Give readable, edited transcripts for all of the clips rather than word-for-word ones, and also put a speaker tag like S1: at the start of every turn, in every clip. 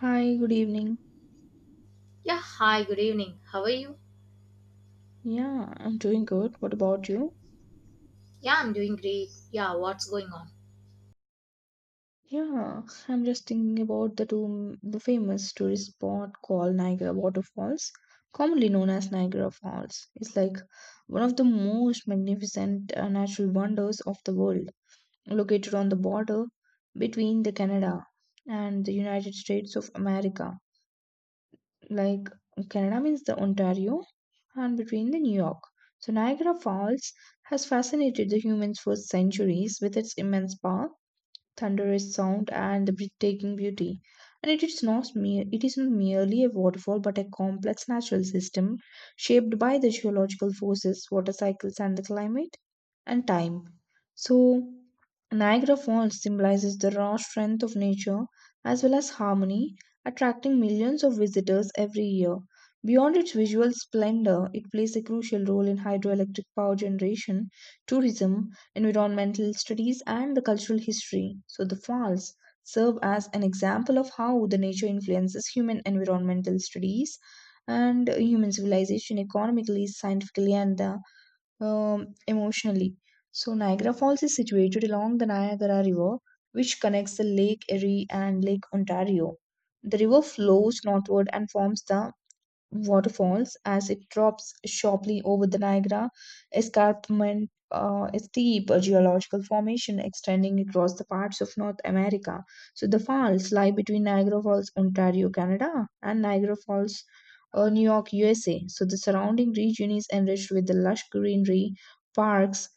S1: Hi, good evening.
S2: Yeah, hi, good evening. How are you?
S1: Yeah, I'm doing good. What about you?
S2: Yeah, I'm doing great. Yeah, what's going on?
S1: Yeah, I'm just thinking about the famous tourist spot called Niagara Waterfalls, commonly known as Niagara Falls. It's like one of the most magnificent natural wonders of the world, located on the border between the Canada and the United States of America. Like Canada means the Ontario and between the New York. So Niagara Falls has fascinated the humans for centuries with its immense park, thunderous sound and the breathtaking beauty. And it is not merely a waterfall, but a complex natural system shaped by the geological forces, water cycles, and the climate and time. So, Niagara Falls symbolizes the raw strength of nature as well as harmony, attracting millions of visitors every year. Beyond its visual splendor, it plays a crucial role in hydroelectric power generation, tourism, environmental studies, and the cultural history. So the falls serve as an example of how the nature influences human environmental studies and human civilization economically, scientifically, and um, emotionally. So Niagara Falls is situated along the Niagara River, which connects the Lake Erie and Lake Ontario. The river flows northward and forms the waterfalls as it drops sharply over the Niagara Escarpment, a steep geological formation extending across the parts of North America. So the falls lie between Niagara Falls, Ontario, Canada, and Niagara Falls, New York, USA. So the surrounding region is enriched with the lush greenery, parks,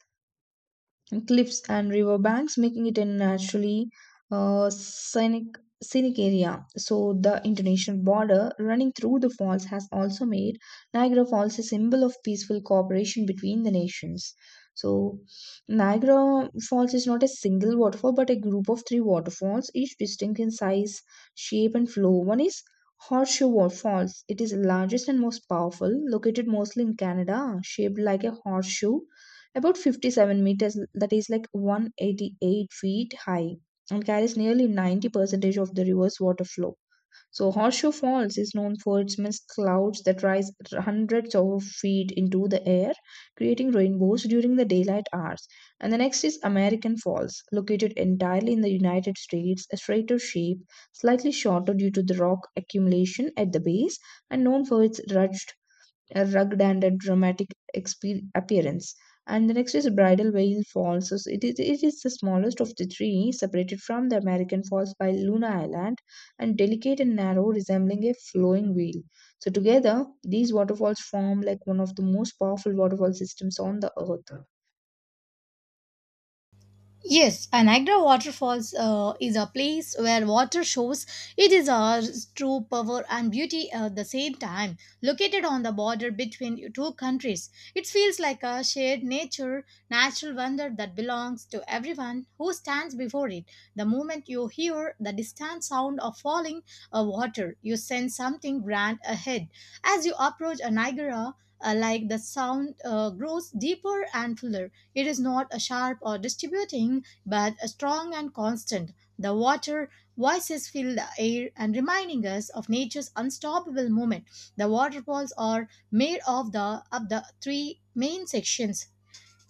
S1: and cliffs and river banks, making it a naturally uh, scenic, scenic area. So, the international border running through the falls has also made Niagara Falls a symbol of peaceful cooperation between the nations. So, Niagara Falls is not a single waterfall but a group of three waterfalls, each distinct in size, shape, and flow. One is Falls. It is largest and most powerful, located mostly in Canada, shaped like a horseshoe about 57 meters, that is like 188 feet high, and carries nearly 90 percentage of the river's water flow. So Horseshoe Falls is known for its mist clouds that rise hundreds of feet into the air, creating rainbows during the daylight hours. And the next is American Falls, located entirely in the United States, a straighter shape, slightly shorter due to the rock accumulation at the base, and known for its rugged and a dramatic appearance. And the next is Bridal Veil Falls. So it is the smallest of the three, separated from the American Falls by Luna Island, and delicate and narrow, resembling a flowing veil. So together, these waterfalls form like one of the most powerful waterfall systems on the earth.
S2: Yes, Niagara Waterfalls is a place where water shows it is our true power and beauty at the same time. Located on the border between two countries, it feels like a shared nature, natural wonder that belongs to everyone who stands before it. The moment you hear the distant sound of falling water, you sense something grand ahead. As you approach a Niagara, like the sound grows deeper and fuller, it is not a sharp or distributing, but a strong and constant. The water voices fill the air and reminding us of nature's unstoppable movement. The waterfalls are made of the three main sections,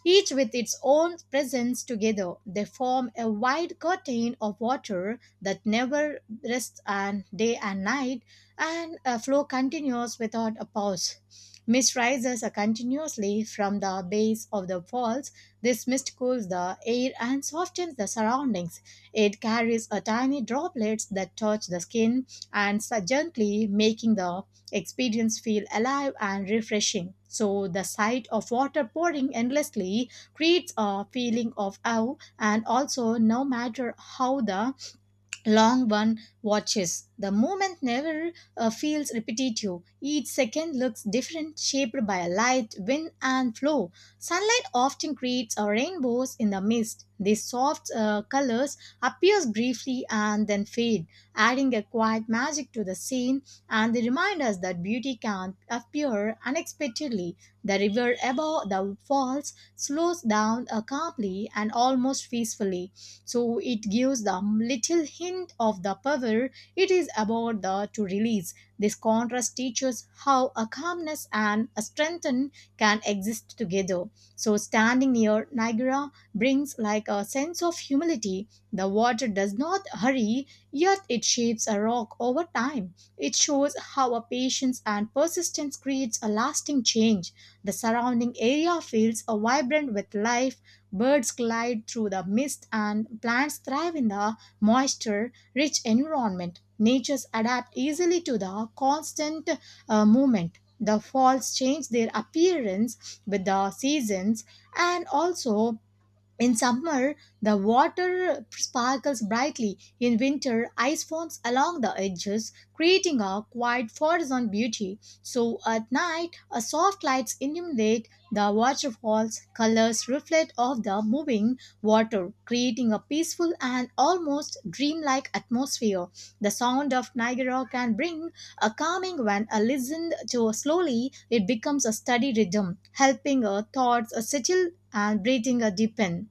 S2: each with its own presence. Together, they form a wide curtain of water that never rests, and day and night, and a flow continues without a pause. Mist rises continuously from the base of the falls. This mist cools the air and softens the surroundings. It carries a tiny droplets that touch the skin and so gently, making the experience feel alive and refreshing. So the sight of water pouring endlessly creates a feeling of awe, and also no matter how the long one watches. The moment never feels repetitive. Each second looks different, shaped by light, wind, and flow. Sunlight often creates a rainbows in the mist. These soft colors appears briefly and then fade, adding a quiet magic to the scene. And they remind us that beauty can appear unexpectedly. The river above the falls slows down calmly and almost peacefully, so it gives them little hint of the power it is about the, to release. This contrast teaches how a calmness and a strength can exist together. So standing near Niagara brings like a sense of humility. The water does not hurry, yet it shapes a rock over time. It shows how a patience and persistence creates a lasting change. The surrounding area feels a vibrant with life. Birds glide through the mist and plants thrive in the moisture rich environment. Natures adapt easily to the constant movement. The falls change their appearance with the seasons, and also in summer, the water sparkles brightly. In winter, ice forms along the edges, creating a quiet forest beauty. So at night, a soft lights illuminate the waterfalls. Colors reflect off the moving water, creating a peaceful and almost dreamlike atmosphere. The sound of Niagara can bring a calming when a listened to slowly. It becomes a steady rhythm, helping our thoughts settle and breathing a deepen.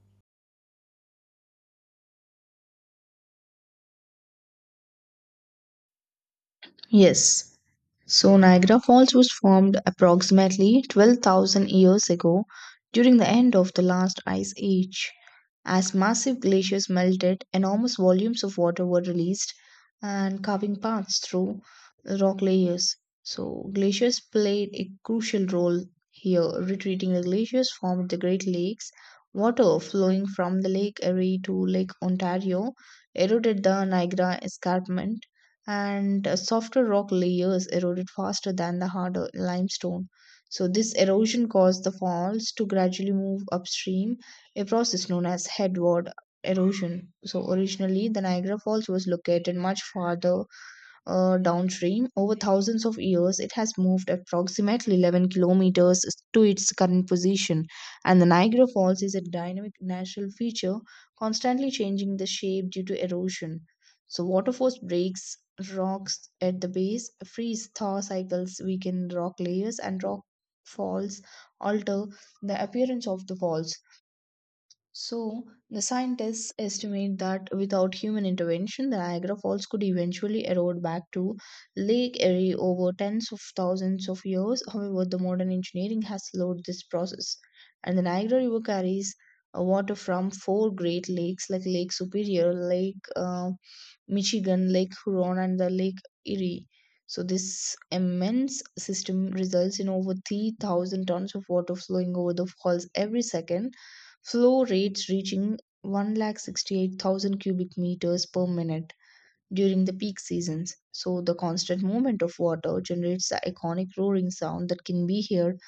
S1: Yes. So Niagara Falls was formed approximately 12,000 years ago during the end of the last ice age. As massive glaciers melted, enormous volumes of water were released and carving paths through rock layers. So glaciers played a crucial role here. Retreating, the glaciers formed the Great Lakes. Water flowing from the Lake Erie to Lake Ontario eroded the Niagara Escarpment, and softer rock layers eroded faster than the harder limestone. So, this erosion caused the falls to gradually move upstream, a process known as headward erosion. So, originally, the Niagara Falls was located much farther downstream. Over thousands of years, it has moved approximately 11 kilometers to its current position, and the Niagara Falls is a dynamic natural feature, constantly changing the shape due to erosion. So, water force breaks rocks at the base, freeze thaw cycles weaken rock layers, and rock falls alter the appearance of the falls. So, the scientists estimate that without human intervention, the Niagara Falls could eventually erode back to Lake Erie over tens of thousands of years. However, the modern engineering has slowed this process, and the Niagara River carries water from four great lakes like Lake Superior, Lake Michigan, Lake Huron, and the Lake Erie. So, this immense system results in over 3,000 tons of water flowing over the falls every second. Flow rates reaching 168,000 cubic meters per minute during the peak seasons. So, the constant movement of water generates the iconic roaring sound that can be heard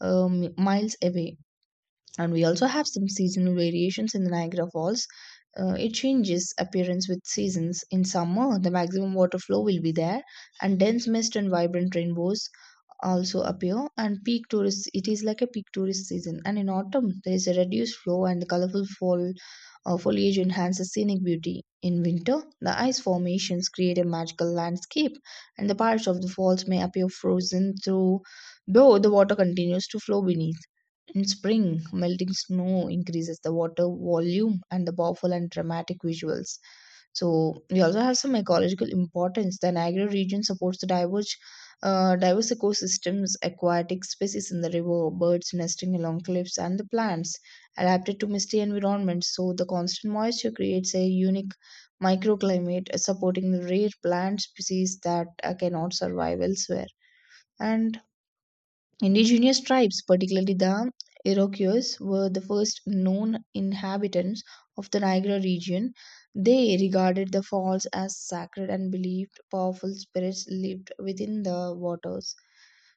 S1: miles away. And we also have some seasonal variations in the Niagara Falls. It changes appearance with seasons. In summer, the maximum water flow will be there, and dense mist and vibrant rainbows also appear. And peak tourist, it is like a peak tourist season. And in autumn, there is a reduced flow, and the colorful fall foliage enhances scenic beauty. In winter, the ice formations create a magical landscape, and the parts of the falls may appear frozen through, though the water continues to flow beneath. In spring, melting snow increases the water volume and the powerful and dramatic visuals. So we also have some ecological importance. The Niagara region supports the diverse ecosystems, aquatic species in the river, birds nesting along cliffs, and the plants adapted to misty environments. So the constant moisture creates a unique microclimate, supporting the rare plant species that cannot survive elsewhere. And indigenous tribes, particularly the Iroquois, were the first known inhabitants of the Niagara region. They regarded the falls as sacred and believed powerful spirits lived within the waters.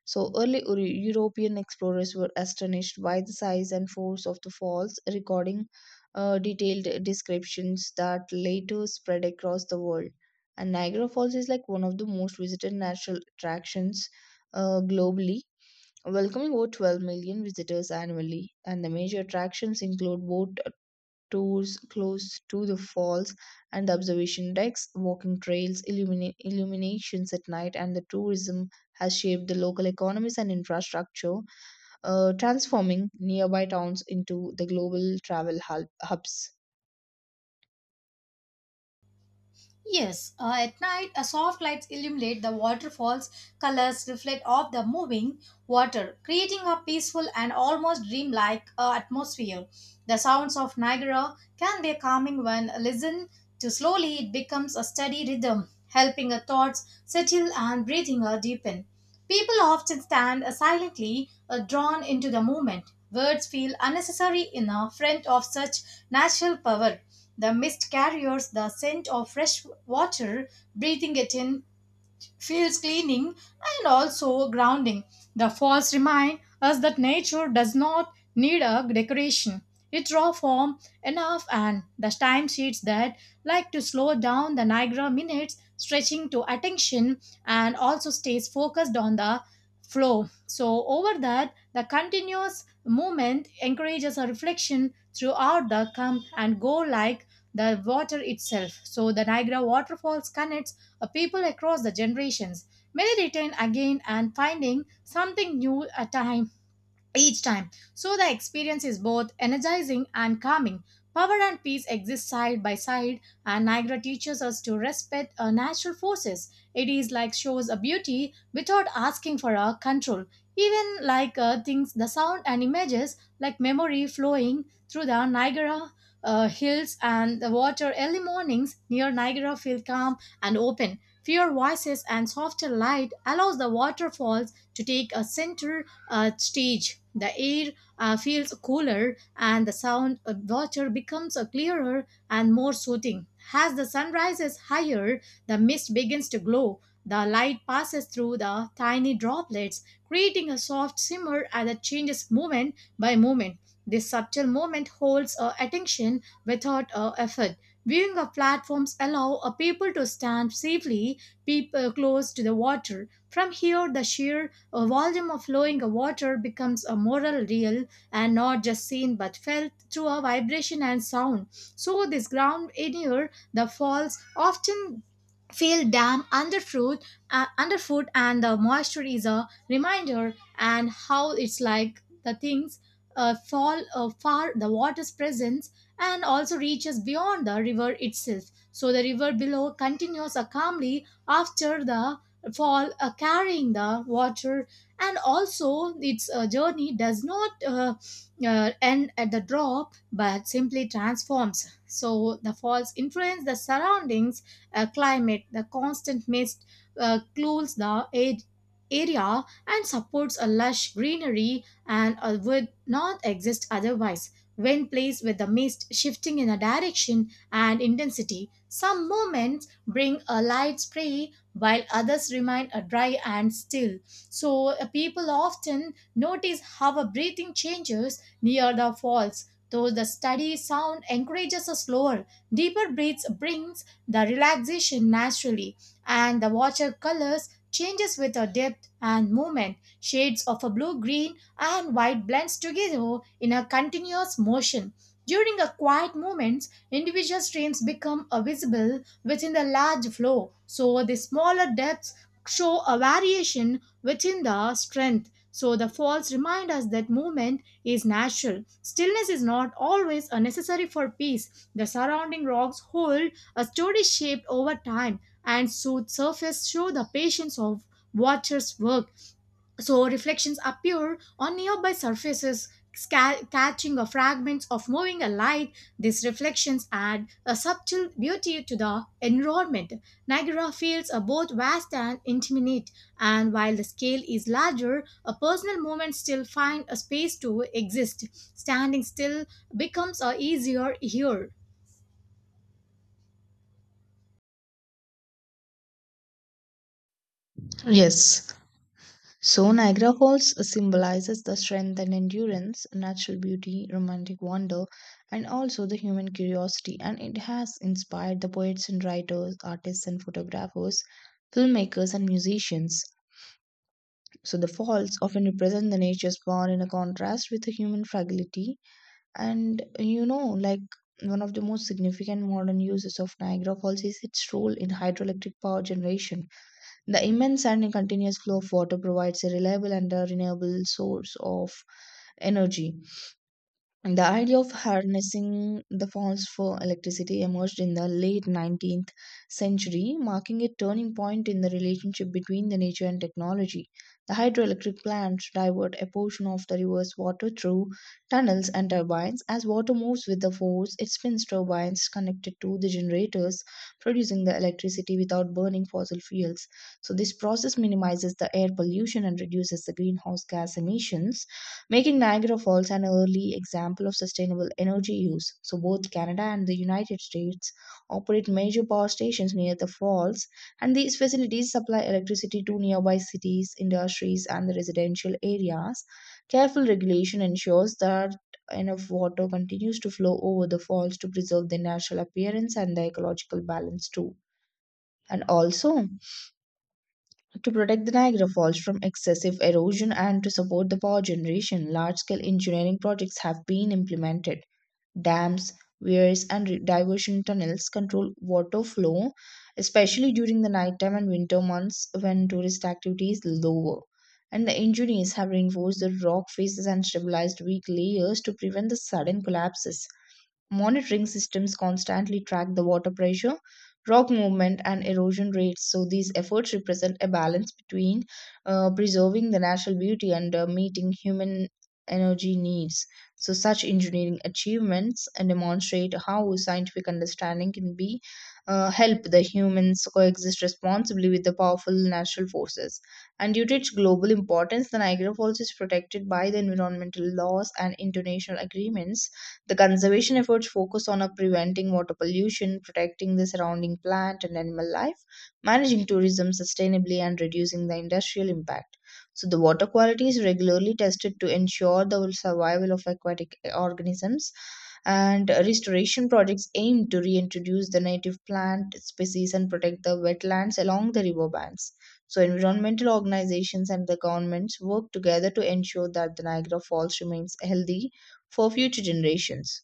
S1: So, early European explorers were astonished by the size and force of the falls, recording detailed descriptions that later spread across the world. And Niagara Falls is like one of the most visited natural attractions globally, welcoming over 12 million visitors annually, and the major attractions include boat tours close to the falls and the observation decks, walking trails, illuminations at night, and the tourism has shaped the local economies and infrastructure, transforming nearby towns into the global travel hubs.
S2: Yes, at night, a soft lights illuminate the waterfall's colors reflect off the moving water, creating a peaceful and almost dreamlike atmosphere. The sounds of Niagara can be calming when listened to slowly, it becomes a steady rhythm, helping our thoughts settle and breathing deepen. People often stand silently, drawn into the moment. Words feel unnecessary in front of such natural power. The mist carries the scent of fresh water, breathing it in, feels cleaning, and also grounding. The falls remind us that nature does not need a decoration. Its raw form enough and the timesheets that like to slow down the Niagara minutes, stretching to attention and also stays focused on the flow. So over that, the continuous movement encourages a reflection throughout the come and go like the water itself. So the Niagara waterfalls connect a people across the generations. Many return again and finding something new a time each time. So the experience is both energizing and calming. Power and peace exist side by side, and Niagara teaches us to respect our natural forces. It is like shows a beauty without asking for our control. Even like things, the sound and images, like memory flowing through the Niagara hills and the water. Early mornings near Niagara feel calm and open. Fewer voices and softer light allows the waterfalls to take a center stage. The air feels cooler and the sound of water becomes clearer and more soothing. As the sun rises higher, the mist begins to glow. The light passes through the tiny droplets, creating a soft shimmer that changes moment by moment. This subtle movement holds our attention without effort. Viewing of platforms allow a people to stand safely, people close to the water. From here, the sheer a volume of flowing water becomes a moral real, and not just seen but felt through a vibration and sound. So this ground in air, the falls often feel damp underfoot, underfoot, and the moisture is a reminder and how it's like the things fall far the water's presence and also reaches beyond the river itself. So the river below continues calmly after the fall, carrying the water, and also its journey does not end at the drop but simply transforms. So the falls influence the surroundings climate, the constant mist cools the air area and supports a lush greenery and would not exist otherwise. When placed with the mist shifting in a direction and intensity, some moments bring a light spray while others remain a dry and still. So people often notice how a breathing changes near the falls. Though the steady sound encourages a slower, deeper breaths brings the relaxation naturally, and the watercolors changes with a depth and movement. Shades of a blue, green and white blends together in a continuous motion. During a quiet moments, individual streams become visible within the large flow. So the smaller depths show a variation within the strength. So the falls remind us that movement is natural. Stillness is not always a necessary for peace. The surrounding rocks hold a story shaped over time and should surface through the patience of Waters' work. So reflections appear on nearby surfaces, catching a fragments of moving a light. These reflections add a subtle beauty to the environment. Niagara feels are both vast and intimate, and while the scale is larger, a personal movement still finds a space to exist. Standing still becomes a easier here.
S1: Yes. So Niagara Falls symbolizes the strength and endurance, natural beauty, romantic wonder, and also the human curiosity. And it has inspired the poets and writers, artists and photographers, filmmakers and musicians. So the falls often represent the nature's power in a contrast with the human fragility. And you know, like one of the most significant modern uses of Niagara Falls is its role in hydroelectric power generation. The immense and continuous flow of water provides a reliable and a renewable source of energy. The idea of harnessing the falls for electricity emerged in the late 19th century, marking a turning point in the relationship between the nature and technology. The hydroelectric plants divert a portion of the river's water through tunnels and turbines. As water moves with the force, it spins turbines connected to the generators, producing the electricity without burning fossil fuels. So, this process minimizes the air pollution and reduces the greenhouse gas emissions, making Niagara Falls an early example of sustainable energy use. So, both Canada and the United States operate major power stations near the falls, and these facilities supply electricity to nearby cities, industries, and the residential areas. Careful regulation ensures that enough water continues to flow over the falls to preserve their natural appearance and the ecological balance too. And also, to protect the Niagara Falls from excessive erosion and to support the power generation, large scale engineering projects have been implemented. Dams, weirs, and diversion tunnels control water flow, especially during the nighttime and winter months when tourist activity is lower. And the engineers have reinforced the rock faces and stabilized weak layers to prevent the sudden collapses. Monitoring systems constantly track the water pressure, rock movement, and erosion rates. So, these efforts represent a balance between preserving the natural beauty and meeting human energy needs. So, such engineering achievements demonstrate how scientific understanding can be help the humans coexist responsibly with the powerful natural forces. And due to its global importance, the Niagara Falls is protected by the environmental laws and international agreements. The conservation efforts focus on preventing water pollution, protecting the surrounding plant and animal life, managing tourism sustainably, and reducing the industrial impact. So, the water quality is regularly tested to ensure the survival of aquatic organisms. And restoration projects aim to reintroduce the native plant species and protect the wetlands along the riverbanks. So, environmental organizations and the governments work together to ensure that the Niagara Falls remains healthy for future generations.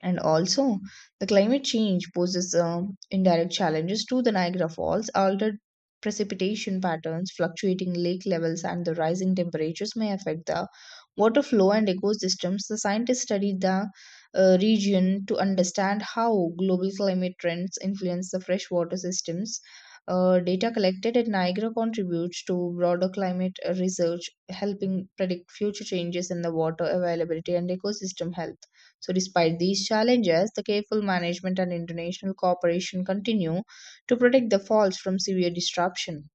S1: And also, the climate change poses indirect challenges to the Niagara Falls. Altered precipitation patterns, fluctuating lake levels, and the rising temperatures may affect the water flow and ecosystems. The scientists studied the region to understand how global climate trends influence the freshwater systems. Data collected at Niagara contributes to broader climate research, helping predict future changes in the water availability and ecosystem health. So, despite these challenges, the careful management and international cooperation continue to protect the falls from severe disruption.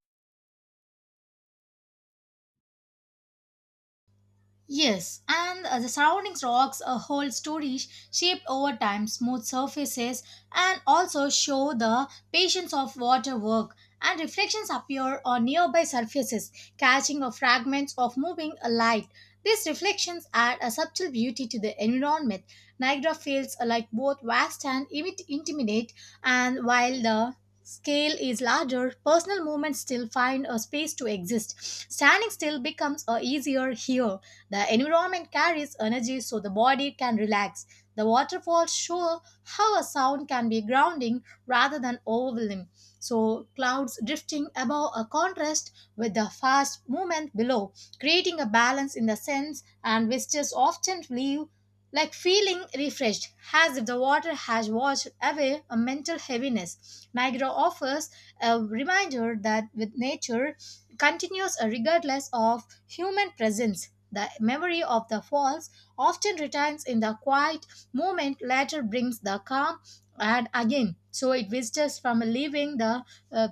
S2: Yes, and the surrounding rocks hold stories shaped over time, smooth surfaces, and also show the patience of water work. And reflections appear on nearby surfaces, catching of fragments of moving a light. These reflections add a subtle beauty to the environment. Niagara feels like both vast and intimidate, and while the scale is larger, personal movements still find a space to exist. Standing still becomes easier here. The environment carries energy so the body can relax. The waterfalls show how a sound can be grounding rather than overwhelming. So, clouds drifting above a contrast with the fast movement below, creating a balance in the sense, and visitors often leave like feeling refreshed, as if the water has washed away a mental heaviness. Niagara offers a reminder that with nature continues regardless of human presence. The memory of the falls often returns in the quiet moment, later brings the calm, and again, so it visitors from leaving the uh,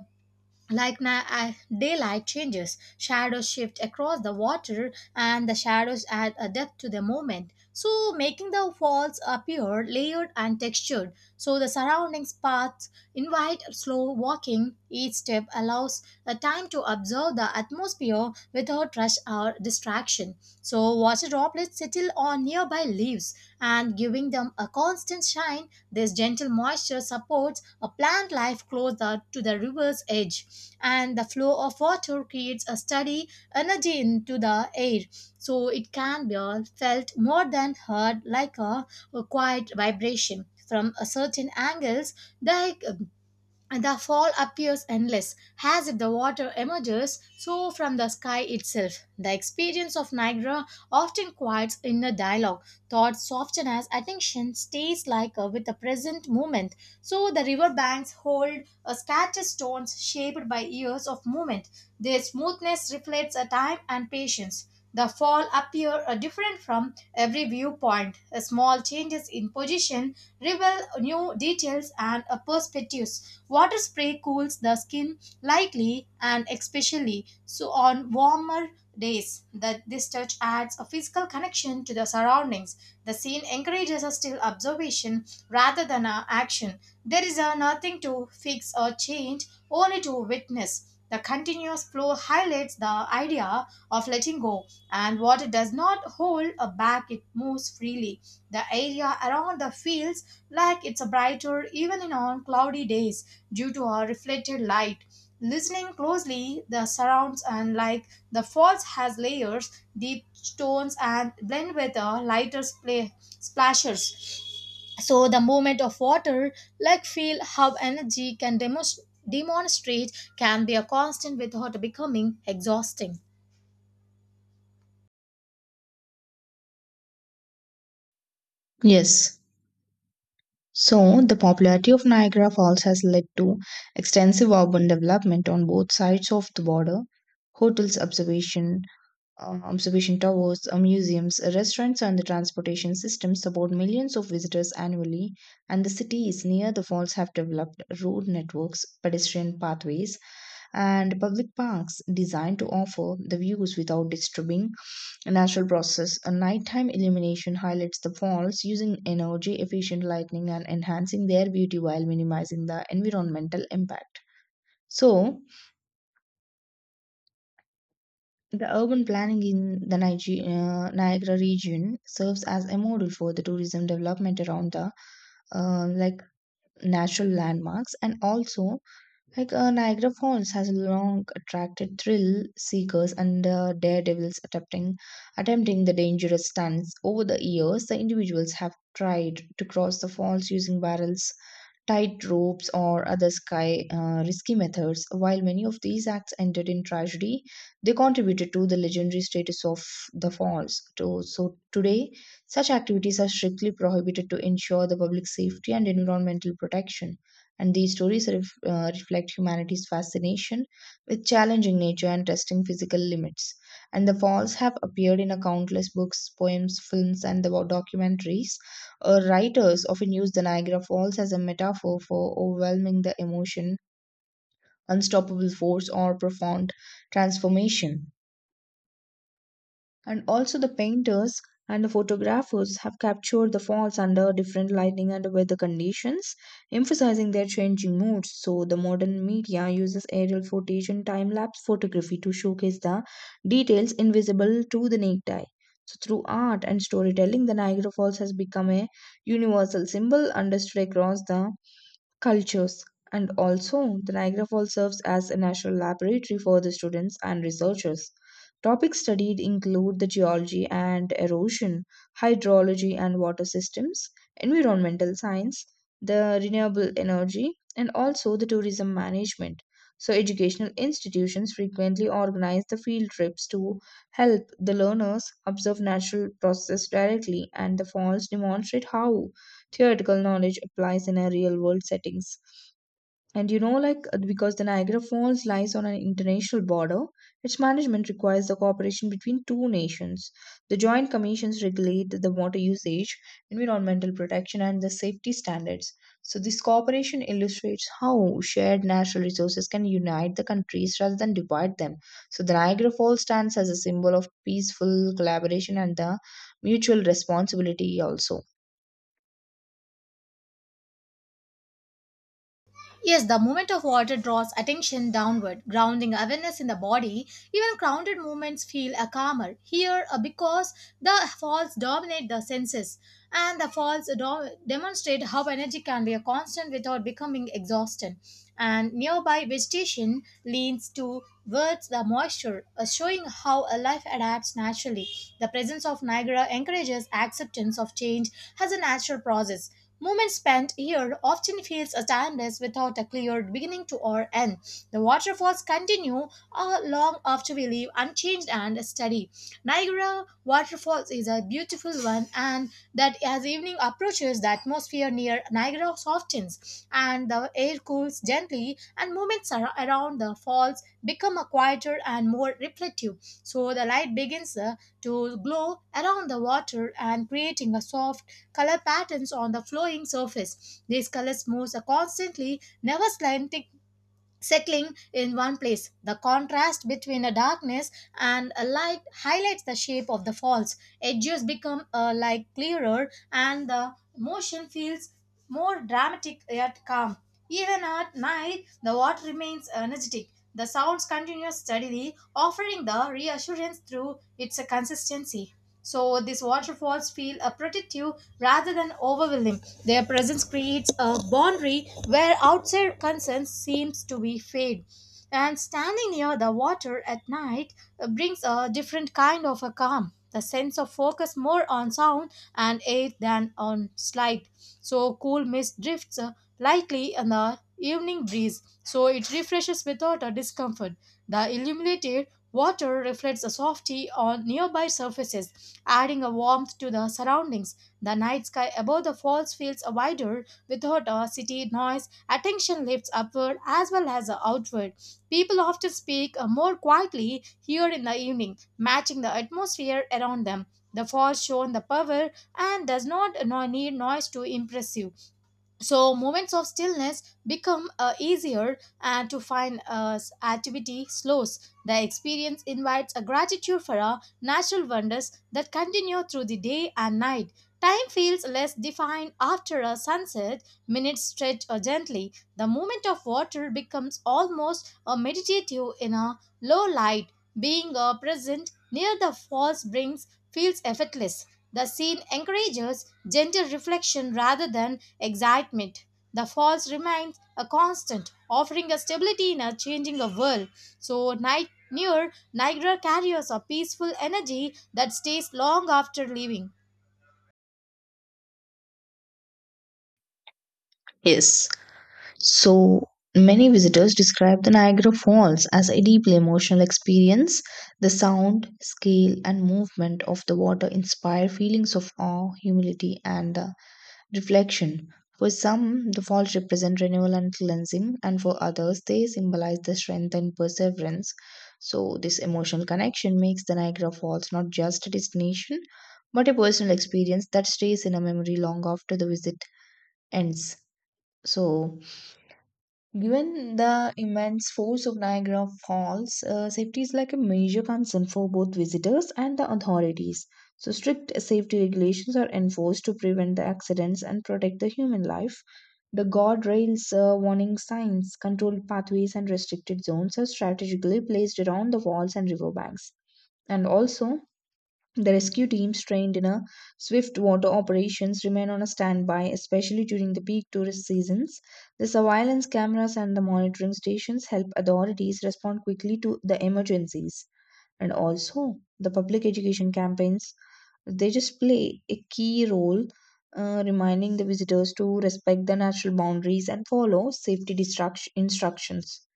S2: like daylight changes. Shadows shift across the water, and the shadows add a depth to the moment, so making the falls appear layered and textured. So the surrounding paths invite slow walking. Each step allows a time to observe the atmosphere without rush or distraction. So water droplets settle on nearby leaves and giving them a constant shine. This gentle moisture supports a plant life closer to the river's edge, and the flow of water creates a steady energy into the air, so it can be all felt more than heard, like a quiet vibration. From a certain angles, the the fall appears endless, as if the water emerges so from the sky itself. The experience of Niagara often quiets inner dialogue. Thoughts soften as attention stays like with the present moment. So the river banks hold a scattered stones shaped by years of movement. Their smoothness reflects a time and patience. The fall appear different from every viewpoint. A small changes in position reveal new details and perspectives. Water spray cools the skin lightly and especially so on warmer days. That this touch adds a physical connection to the surroundings. The scene encourages a still observation rather than a action. There is a nothing to fix or change, only to witness. The continuous flow highlights the idea of letting go, and water does not hold a back, it moves freely. The area around the field like it's a brighter even in on cloudy days due to our reflected light. Listening closely the surrounds, and like the falls has layers, deep stones and blend with a lighter splashes. So the movement of water, like feel how energy can demonstrate, can be a constant without becoming exhausting.
S1: Yes. So, the popularity of Niagara Falls has led to extensive urban development on both sides of the border. Hotels, observation, observation towers, museums, restaurants, and the transportation system support millions of visitors annually. And the cities near the falls have developed road networks, pedestrian pathways, and public parks designed to offer the views without disturbing natural process. A nighttime illumination highlights the falls using energy efficient lighting and enhancing their beauty while minimizing the environmental impact. So, the urban planning in the Niagara region serves as a model for the tourism development around the uh, like natural landmarks and also like Niagara Falls has long attracted thrill seekers and daredevils attempting the dangerous stunts. Over the years, the individuals have tried to cross the falls using barrels, tight ropes, or other risky methods. While many of these acts ended in tragedy, they contributed to the legendary status of the falls. So today, such activities are strictly prohibited to ensure the public safety and environmental protection. And these stories reflect humanity's fascination with challenging nature and testing physical limits, and the falls have appeared in a countless books, poems, films, and the documentaries. Writers often use the Niagara Falls as a metaphor for overwhelming the emotion, unstoppable force, or profound transformation. And also, the painters and the photographers have captured the falls under different lighting and weather conditions, emphasizing their changing moods. So, the modern media uses aerial footage and time lapse photography to showcase the details invisible to the naked eye. So, through art and storytelling, the Niagara Falls has become a universal symbol understood across the cultures. And also, the Niagara Falls serves as a national laboratory for the students and researchers. Topics studied include the geology and erosion, hydrology and water systems, environmental science, the renewable energy, and also the tourism management. So, educational institutions frequently organize the field trips to help the learners observe natural processes directly, and the falls demonstrate how theoretical knowledge applies in a real world settings. And you know, because the Niagara Falls lies on an international border, its management requires the cooperation between two nations. The joint commissions regulate the water usage, environmental protection, and the safety standards. So, this cooperation illustrates how shared natural resources can unite the countries rather than divide them. So, the Niagara Falls stands as a symbol of peaceful collaboration and the mutual responsibility, also.
S2: Yes, the movement of water draws attention downward, grounding awareness in the body. Even grounded movements feel a calmer here because the falls dominate the senses, and the falls demonstrate how energy can be a constant without becoming exhausted. And nearby vegetation leans towards the moisture, showing how a life adapts naturally. The presence of Niagara encourages acceptance of change as a natural process. Movement spent here often feels timeless without a clear beginning to or end. The waterfalls continue long after we leave unchanged and steady. Niagara Waterfalls is a beautiful one, and that as evening approaches, the atmosphere near Niagara softens and the air cools gently, and moments around the falls become a quieter and more reflective. So the light begins to glow around the water and creating a soft color patterns on the flowing surface. These colors moves constantly, never slanting, settling in one place. The contrast between a darkness and a light highlights the shape of the falls. Edges become like clearer, and the motion feels more dramatic yet calm. Even at night, the water remains energetic. The sounds continue steadily, offering the reassurance through its consistency. So these waterfalls feel protective rather than overwhelming. Their presence creates a boundary where outside concerns seems to be fade. And standing near the water at night brings a different kind of a calm. The sense of focus more on sound and air than on slide. So cool mist drifts lightly in the evening breeze. So it refreshes without a discomfort. The illuminated water reflects a softy on nearby surfaces, adding a warmth to the surroundings. The night sky above the falls feels wider without a city noise. Attention lifts upward as well as outward. People often speak more quietly here in the evening, matching the atmosphere around them. The fall shown the power and does not need noise to impress you. So moments of stillness become easier and to find as activity slows. The experience invites a gratitude for our natural wonders that continue through the day and night. Time feels less defined after a sunset. Minutes stretch gently. The movement of water becomes almost a meditative in a low light, being a present near the falls brings feels effortless. The scene encourages gentle reflection rather than excitement. The falls remains a constant, offering a stability in a changing of world. So night near Niagara carries a peaceful energy that stays long after leaving.
S1: Yes, so many visitors describe the Niagara Falls as a deeply emotional experience. The sound, scale, and movement of the water inspire feelings of awe, humility, and reflection. For some, the falls represent renewal and cleansing, and for others, they symbolize the strength and perseverance. So, this emotional connection makes the Niagara Falls not just a destination, but a personal experience that stays in a memory long after the visit ends. So, given the immense force of Niagara Falls, safety is like a major concern for both visitors and the authorities. So, strict safety regulations are enforced to prevent the accidents and protect the human life. The guardrails, warning signs, controlled pathways, and restricted zones are strategically placed around the walls and riverbanks. And also, the rescue teams trained in a swift water operations remain on a standby, especially during the peak tourist seasons. The surveillance cameras and the monitoring stations help authorities respond quickly to the emergencies. And also, the public education campaigns, they just play a key role, reminding the visitors to respect the natural boundaries and follow safety instructions.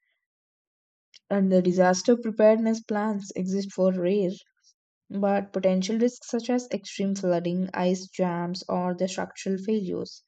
S1: And the disaster preparedness plans exist for rare but potential risks such as extreme flooding, ice jams, or the structural failures.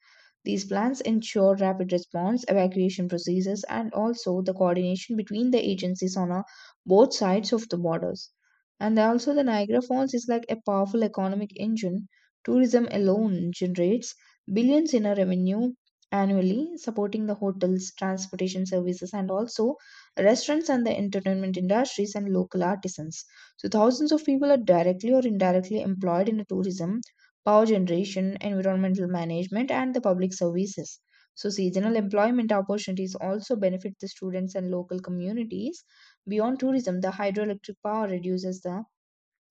S1: These plans ensure rapid response, evacuation procedures, and also the coordination between the agencies on a, both sides of the borders. And also, the Niagara Falls is like a powerful economic engine. Tourism alone generates billions in a revenue annually, supporting the hotels, transportation services, and also restaurants and the entertainment industries and local artisans. So thousands of people are directly or indirectly employed in the tourism, power generation, environmental management, and the public services. So seasonal employment opportunities also benefit the students and local communities. Beyond tourism, the hydroelectric power reduces the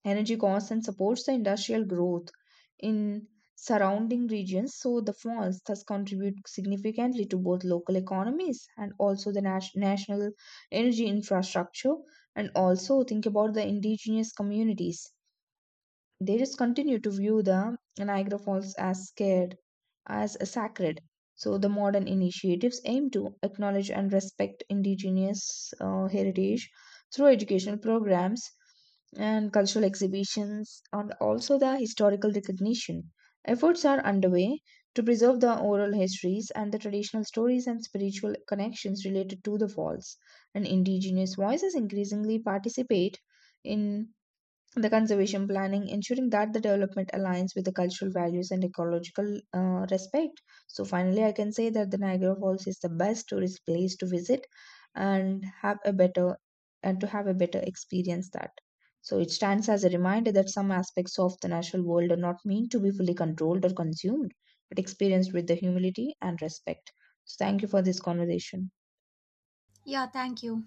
S1: energy costs and supports the industrial growth in surrounding regions. So the falls thus contribute significantly to both local economies and also the national energy infrastructure. And also think about the indigenous communities. They just continue to view the Niagara Falls as scared, as sacred. So the modern initiatives aim to acknowledge and respect indigenous heritage through educational programs and cultural exhibitions and also the historical recognition. Efforts are underway to preserve the oral histories and the traditional stories and spiritual connections related to the falls. And indigenous voices increasingly participate in the conservation planning, ensuring that the development aligns with the cultural values and ecological respect. So finally, I can say that the Niagara Falls is the best tourist place to visit and have a better and to have a better experience that. So it stands as a reminder that some aspects of the natural world are not meant to be fully controlled or consumed, but experienced with the humility and respect. So thank you for this conversation.
S2: Yeah, thank you.